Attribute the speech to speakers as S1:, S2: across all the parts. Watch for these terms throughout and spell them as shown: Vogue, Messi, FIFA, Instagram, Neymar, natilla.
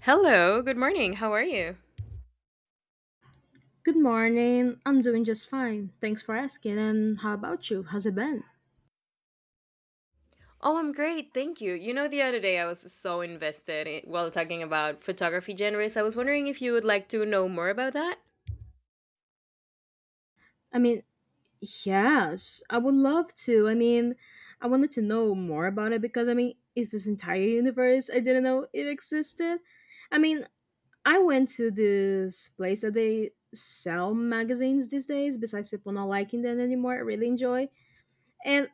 S1: Hello, good morning. How are you?
S2: Good morning. I'm doing just fine. Thanks for asking. And how about you? How's it been?
S1: Oh, I'm great. Thank you. You know, the other day I was so invested in, while talking about photography genres. I was wondering if you would like to know more about that?
S2: I mean, yes, I would love to. I wanted to know more about it because is this entire universe I didn't know it existed? I mean, I went to this place that they sell magazines these days, besides people not liking them anymore. I really enjoy. And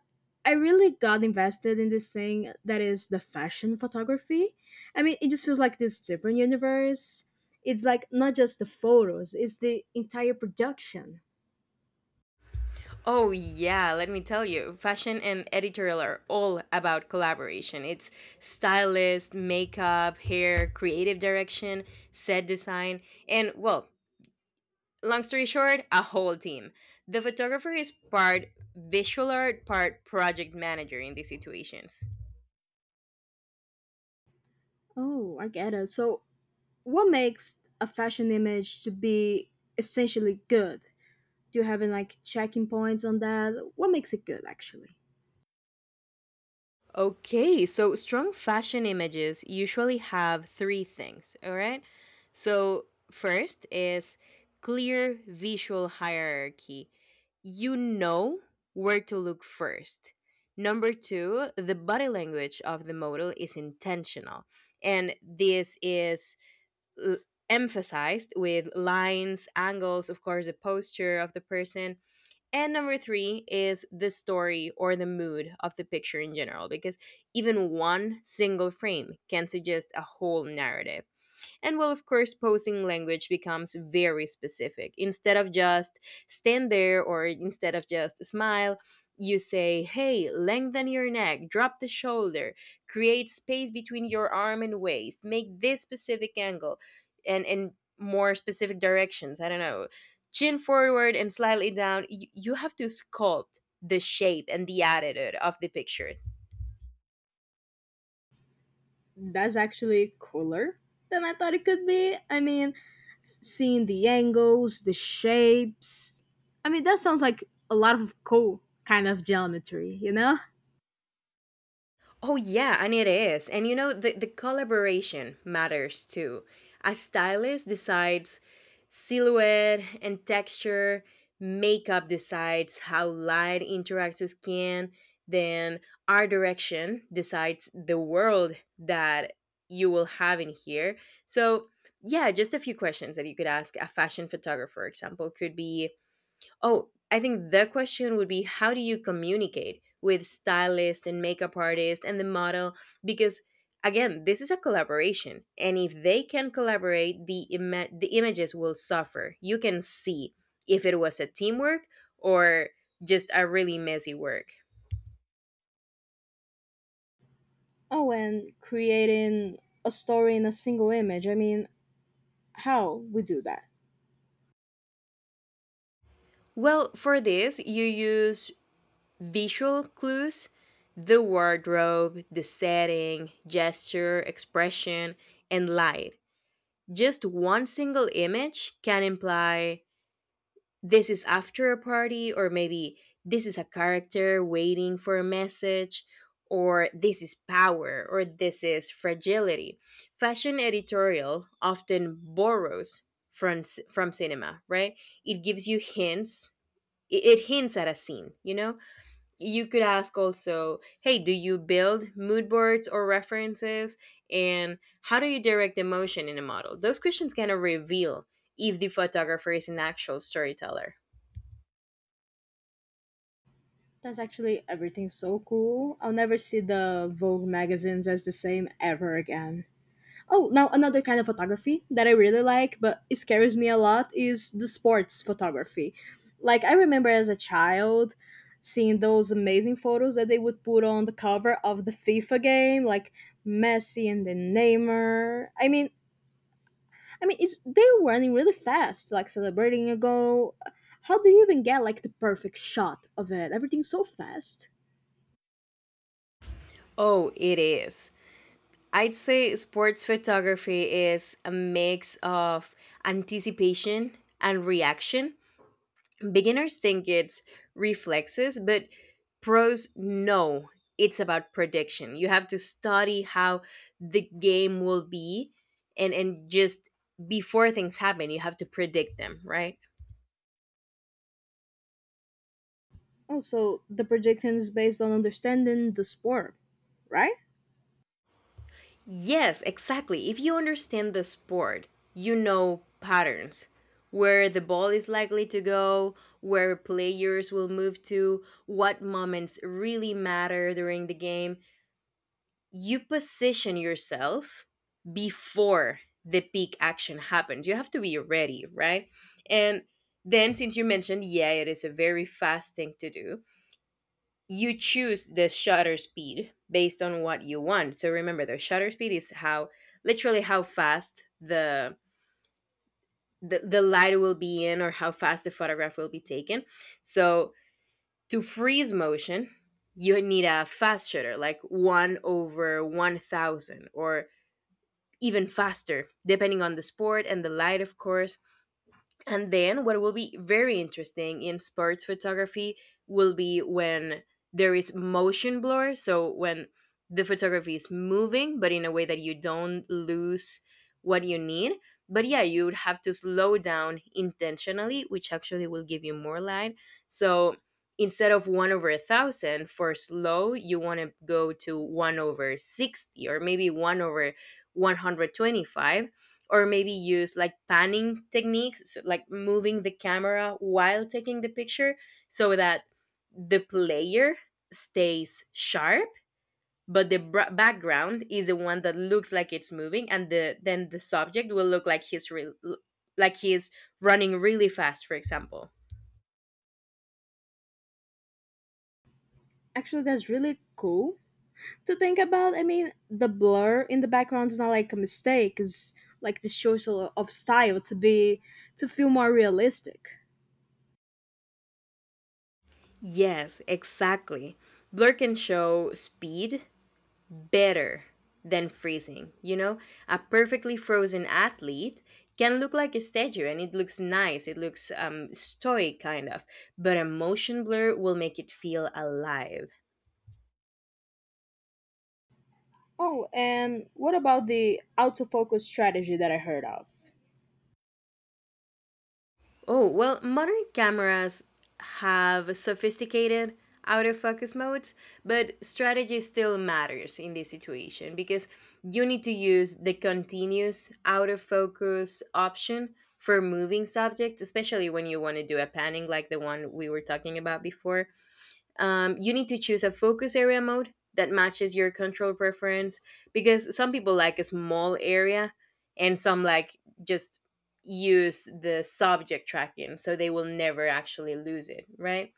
S2: I really got invested in this thing that is the fashion photography. I mean, it just feels like this different universe. It's like not just the photos, it's the entire production.
S1: Oh, yeah, let me tell you. Fashion and editorial are all about collaboration. It's stylist, makeup, hair, creative direction, set design, and, well, long story short, a whole team. The photographer is part visual art, part project manager in these situations.
S2: Oh, I get it. So, what makes a fashion image to be essentially good? Do you have any like checking points on that? What makes it good actually?
S1: Okay, so strong fashion images usually have three things, all right? So, first is clear visual hierarchy. You know where to look first. Number two, the body language of the model is intentional. And this is l- emphasized with lines, angles, of course, the posture of the person, and number three is the story or the mood of the picture in general, because even one single frame can suggest a whole narrative. And well, of course, posing language becomes very specific. Instead of just stand there or instead of just smile, you say, hey, lengthen your neck, drop the shoulder, create space between your arm and waist, make this specific angle and more specific directions. I don't know, chin forward and slightly down. You have to sculpt the shape and the attitude of the picture.
S2: That's actually cooler than I thought it could be. I mean, seeing the angles, the shapes. I mean, that sounds like a lot of cool kind of geometry, you know?
S1: Oh yeah, and it is. And you know, the collaboration matters too. A stylist decides silhouette and texture, makeup decides how light interacts with skin, then art direction decides the world that you will have in here. So yeah, just a few questions that you could ask a fashion photographer, for example, could be: oh, I think the question would be, how do you communicate with stylist and makeup artist and the model? Because again, this is a collaboration, and if they can collaborate, the the images will suffer. You can see if it was a teamwork or just a really messy work.
S2: Oh, and creating a story in a single image. I mean, how we do that?
S1: Well, for this, you use visual clues, the wardrobe, the setting, gesture, expression, and light. Just one single image can imply this is after a party, or maybe this is a character waiting for a message, or this is power, or this is fragility. Fashion editorial often borrows from, from cinema, right? It gives you hints, it hints at a scene, you know? You could ask also, hey, do you build mood boards or references, and how do you direct emotion in a model? Those questions kind of reveal if the photographer is an actual storyteller.
S2: That's actually everything so cool. I'll never see the Vogue magazines as the same ever again. Oh, now another kind of photography that I really like, but it scares me a lot, is the sports photography. Like, I remember as a child seeing those amazing photos that they would put on the cover of the FIFA game, like Messi and then Neymar. I mean, it's they were running really fast, like celebrating a goal. How do you even get like the perfect shot of it? Everything's so fast.
S1: Oh, it is. I'd say sports photography is a mix of anticipation and reaction. Beginners think it's reflexes, but pros know it's about prediction. You have to study how the game will be, and just before things happen, you have to predict them, right?
S2: Also, the projection is based on understanding the sport, right?
S1: Yes, exactly. If you understand the sport, you know patterns, where the ball is likely to go, where players will move to, what moments really matter during the game. You position yourself before the peak action happens. You have to be ready, right? And then, since you mentioned, yeah, it is a very fast thing to do, you choose the shutter speed based on what you want. So remember, the shutter speed is how literally how fast the the light will be in, or how fast the photograph will be taken. So to freeze motion, you need a fast shutter, like one over 1,000 or even faster, depending on the sport and the light, of course. And then what will be very interesting in sports photography will be when there is motion blur, so when the photography is moving but in a way that you don't lose what you need. But yeah, you would have to slow down intentionally, which actually will give you more light. So instead of one over a thousand for slow, you want to go to one over 60, or maybe one over 125, or maybe use like panning techniques, so like moving the camera while taking the picture, so that the player stays sharp but the background is the one that looks like it's moving, and the then the subject will look like he's running really fast, for example.
S2: Actually, that's really cool to think about. I mean, the blur in the background is not like a mistake. It's like the choice of style to be to feel more realistic.
S1: Yes, exactly. Blur can show speed better than freezing. You know, a perfectly frozen athlete can look like a statue and it looks nice, it looks stoic kind of, but a motion blur will make it feel alive.
S2: Oh, and what about the autofocus strategy that I heard of?
S1: Oh, well, modern cameras have sophisticated autofocus modes, but strategy still matters in this situation because you need to use the continuous autofocus option for moving subjects, especially when you want to do a panning like the one we were talking about before. You need to choose a focus area mode that matches your control preference, because some people like a small area and some like just use the subject tracking so they will never actually lose it, right?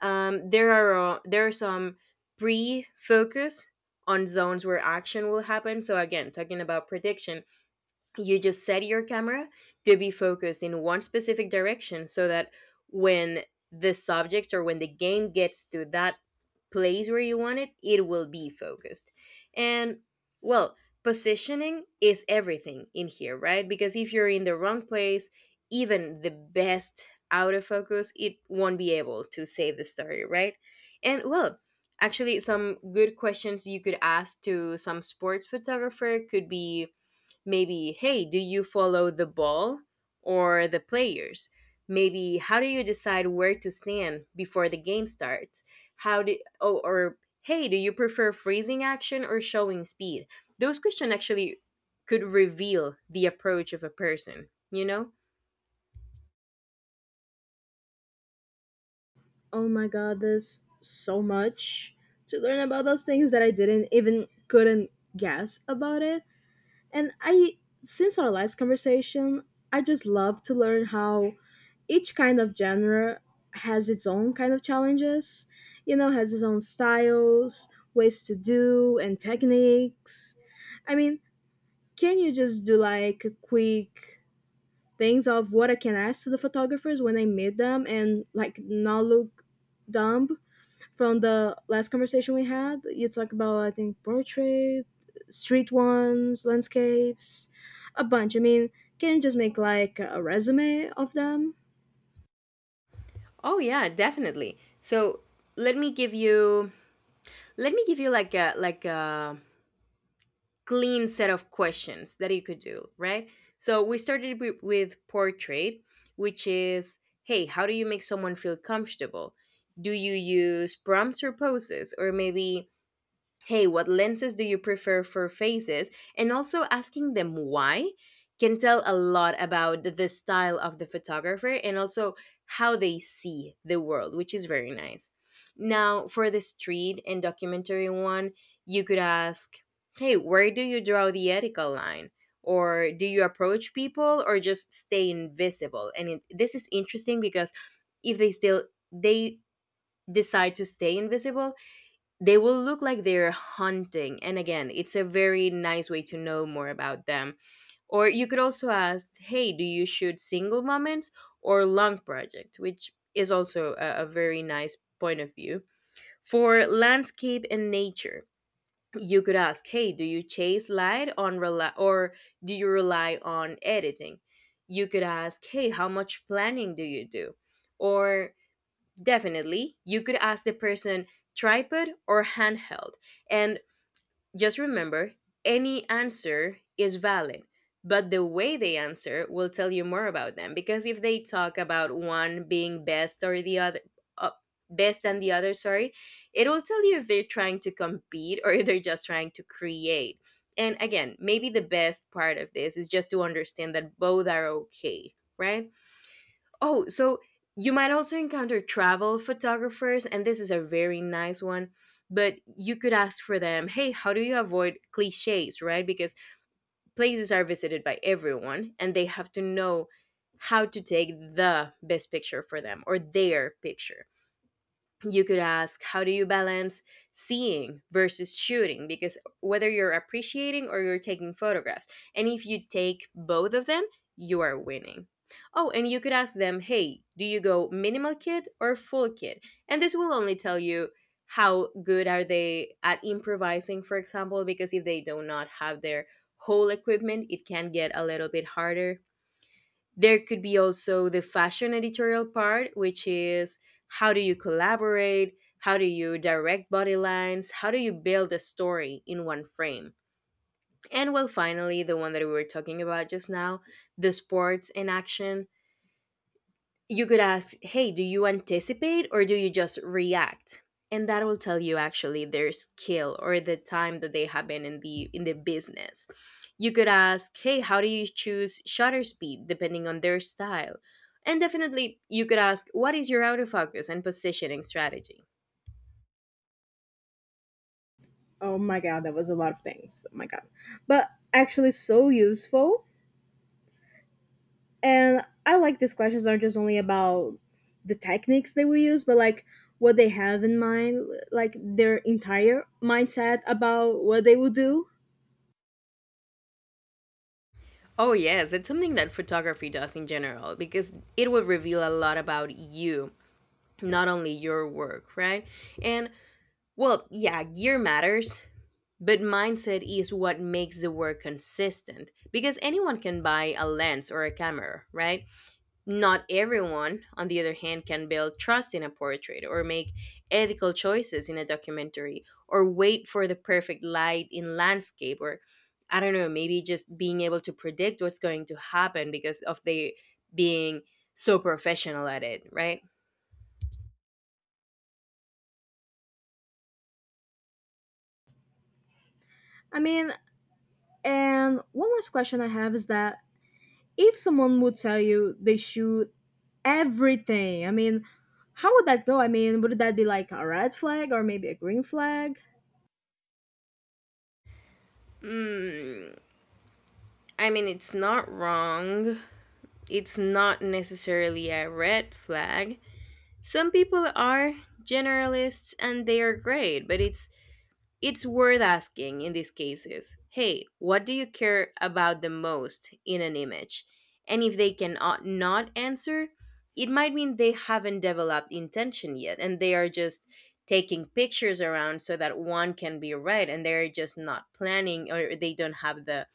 S1: There are there are some pre focus on zones where action will happen, so again talking about prediction, you just set your camera to be focused in one specific direction, so that when the subject or when the game gets to that place where you want it, it will be focused. And well, positioning is everything in here, right? Because if you're in the wrong place, even the best autofocus, it won't be able to save the story, right? And well, actually some good questions you could ask to some sports photographer could be: maybe, hey, do you follow the ball or the players? Maybe, how do you decide where to stand before the game starts? How do, oh, or hey, do you prefer freezing action or showing speed? Those questions actually could reveal the approach of a person, you know?
S2: Oh my god, there's so much to learn about those things that I didn't even couldn't guess about it. And I since our last conversation, I just love to learn how each kind of genre has its own kind of challenges, you know, has its own styles, ways to do and techniques. I mean, can you just do like quick things of what I can ask to the photographers when I meet them and like not look dumb? From the last conversation we had, you talk about, I think, portrait, street ones, landscapes, a bunch. I mean, can you just make like a resume of them?
S1: Oh yeah, definitely. So let me give you let me give you like a clean set of questions that you could do, right? So we started with portrait, which is, hey, how do you make someone feel comfortable? Do you use prompts or poses? Or maybe, hey, what lenses do you prefer for faces? And also asking them why can tell a lot about the style of the photographer and also how they see the world, which is very nice. Now, for the street and documentary one, you could ask, hey, where do you draw the ethical line? Or do you approach people or just stay invisible? And it, this is interesting because if they still, they decide to stay invisible, they will look like they're hunting. And again, it's a very nice way to know more about them. Or you could also ask, hey, do you shoot single moments or long project? Which is also a very nice point of view. For landscape and nature, you could ask, hey, do you chase light on rely, or do you rely on editing? You could ask, hey, how much planning do you do? Or definitely, you could ask the person, tripod or handheld. And just remember, any answer is valid, but the way they answer will tell you more about them, because if they talk about one being best or the other, uh, best than the other, sorry, it will tell you if they're trying to compete or if they're just trying to create. And again, maybe the best part of this is just to understand that both are okay, right? Oh, so you might also encounter travel photographers, and this is a very nice one. But you could ask for them, hey, how do you avoid cliches, right? Because places are visited by everyone, and they have to know how to take the best picture for them or their picture. You could ask, how do you balance seeing versus shooting? Because whether you're appreciating or you're taking photographs, and if you take both of them, you are winning. Oh, and you could ask them, hey, do you go minimal kit or full kit? And this will only tell you how good are they at improvising, for example, because if they do not have their whole equipment, it can get a little bit harder. There could be also the fashion editorial part, which is, how do you collaborate, how do you direct body lines, how do you build a story in one frame? And well, finally, the one that we were talking about just now, the sports in action, you could ask, hey, do you anticipate or do you just react? And that will tell you actually their skill or the time that they have been in the business. You could ask, hey, how do you choose shutter speed depending on their style? And definitely you could ask, what is your autofocus and positioning strategy?
S2: Oh my god, that was a lot of things. Oh my god. But actually so useful. And I like these questions aren't just only about the techniques they will use, but like what they have in mind, like their entire mindset about what they will do.
S1: Oh yes, it's something that photography does in general, because it will reveal a lot about you, not only your work, right? And well, yeah, gear matters, but mindset is what makes the work consistent, because anyone can buy a lens or a camera, right? Not everyone, on the other hand, can build trust in a portrait, or make ethical choices in a documentary, or wait for the perfect light in landscape, or I don't know, maybe just being able to predict what's going to happen because of they being so professional at it, right?
S2: I mean, and one last question I have is that if someone would tell you they shoot everything, I mean, how would that go? I mean, would that be like a red flag or maybe a green flag?
S1: Mm, I mean, it's not wrong, it's not necessarily a red flag. Some people are generalists and they are great, but it's worth asking in these cases, hey, what do you care about the most in an image? And if they cannot not answer, it might mean they haven't developed intention yet and they are just taking pictures around so that one can be right, and they're just not planning, or they don't have the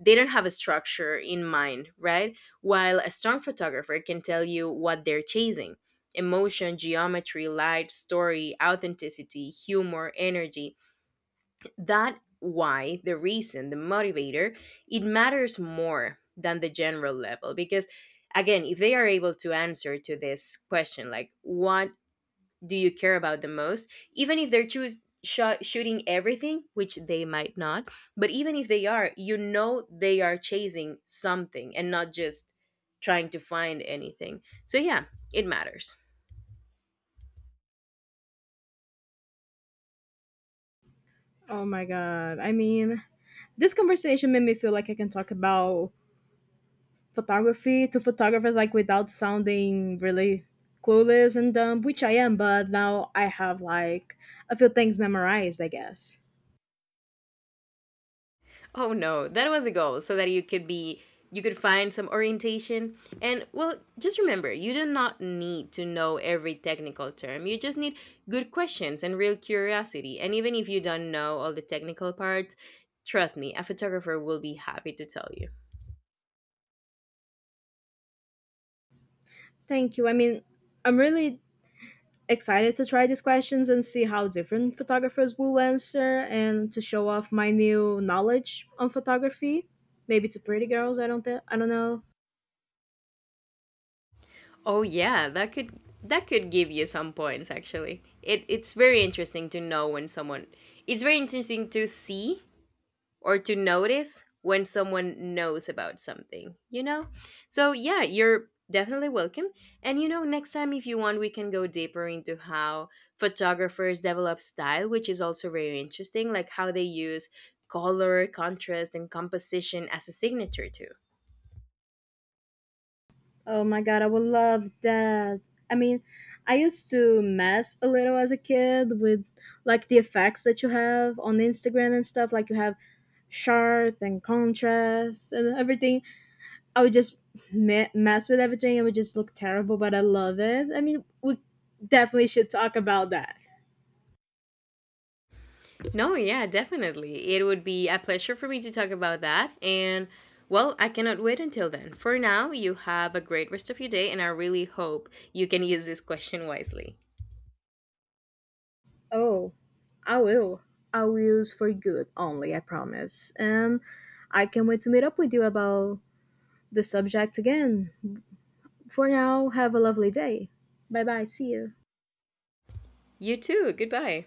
S1: they don't have a structure in mind, right? While a strong photographer can tell you what they're chasing: emotion, geometry, light, story, authenticity, humor, energy. That why the reason, the motivator, it matters more than the general level, because again, if they are able to answer to this question like what do you care about the most, even if they're shooting everything, which they might not, but even if they are, you know, they are chasing something and not just trying to find anything. So yeah, it matters.
S2: Oh my god. I mean, this conversation made me feel like I can talk about photography to photographers like without sounding really clueless and dumb, which I am, but now I have like a few things memorized, I guess.
S1: Oh no, that was a goal so that you could be you could find some orientation. And well, just remember, you do not need to know every technical term. You just need good questions and real curiosity. And even if you don't know all the technical parts, trust me, a photographer will be happy to tell you.
S2: Thank you. I mean, I'm really excited to try these questions and see how different photographers will answer and to show off my new knowledge on photography. Maybe to pretty girls, I don't think, I don't know.
S1: Oh yeah, that could give you some points actually. It's very interesting to know when someone it's very interesting to see or to notice when someone knows about something, you know? So, yeah, you're definitely welcome. And, you know, next time if you want, we can go deeper into how photographers develop style, which is also very interesting, like how they use color, contrast, and composition as a signature, too.
S2: Oh my god, I would love that. I mean, I used to mess a little as a kid with like the effects that you have on Instagram and stuff. Like you have sharp and contrast and everything. I would just mess with everything. It would just look terrible, but I love it. I mean, we definitely should talk about that.
S1: No, yeah, definitely. It would be a pleasure for me to talk about that. And, well, I cannot wait until then. For now, you have a great rest of your day, and I really hope you can use this question wisely.
S2: Oh, I will. I will use for good only, I promise. And I can't wait to meet up with you about the subject again. For now, have a lovely day. Bye bye. See you.
S1: You too. Goodbye.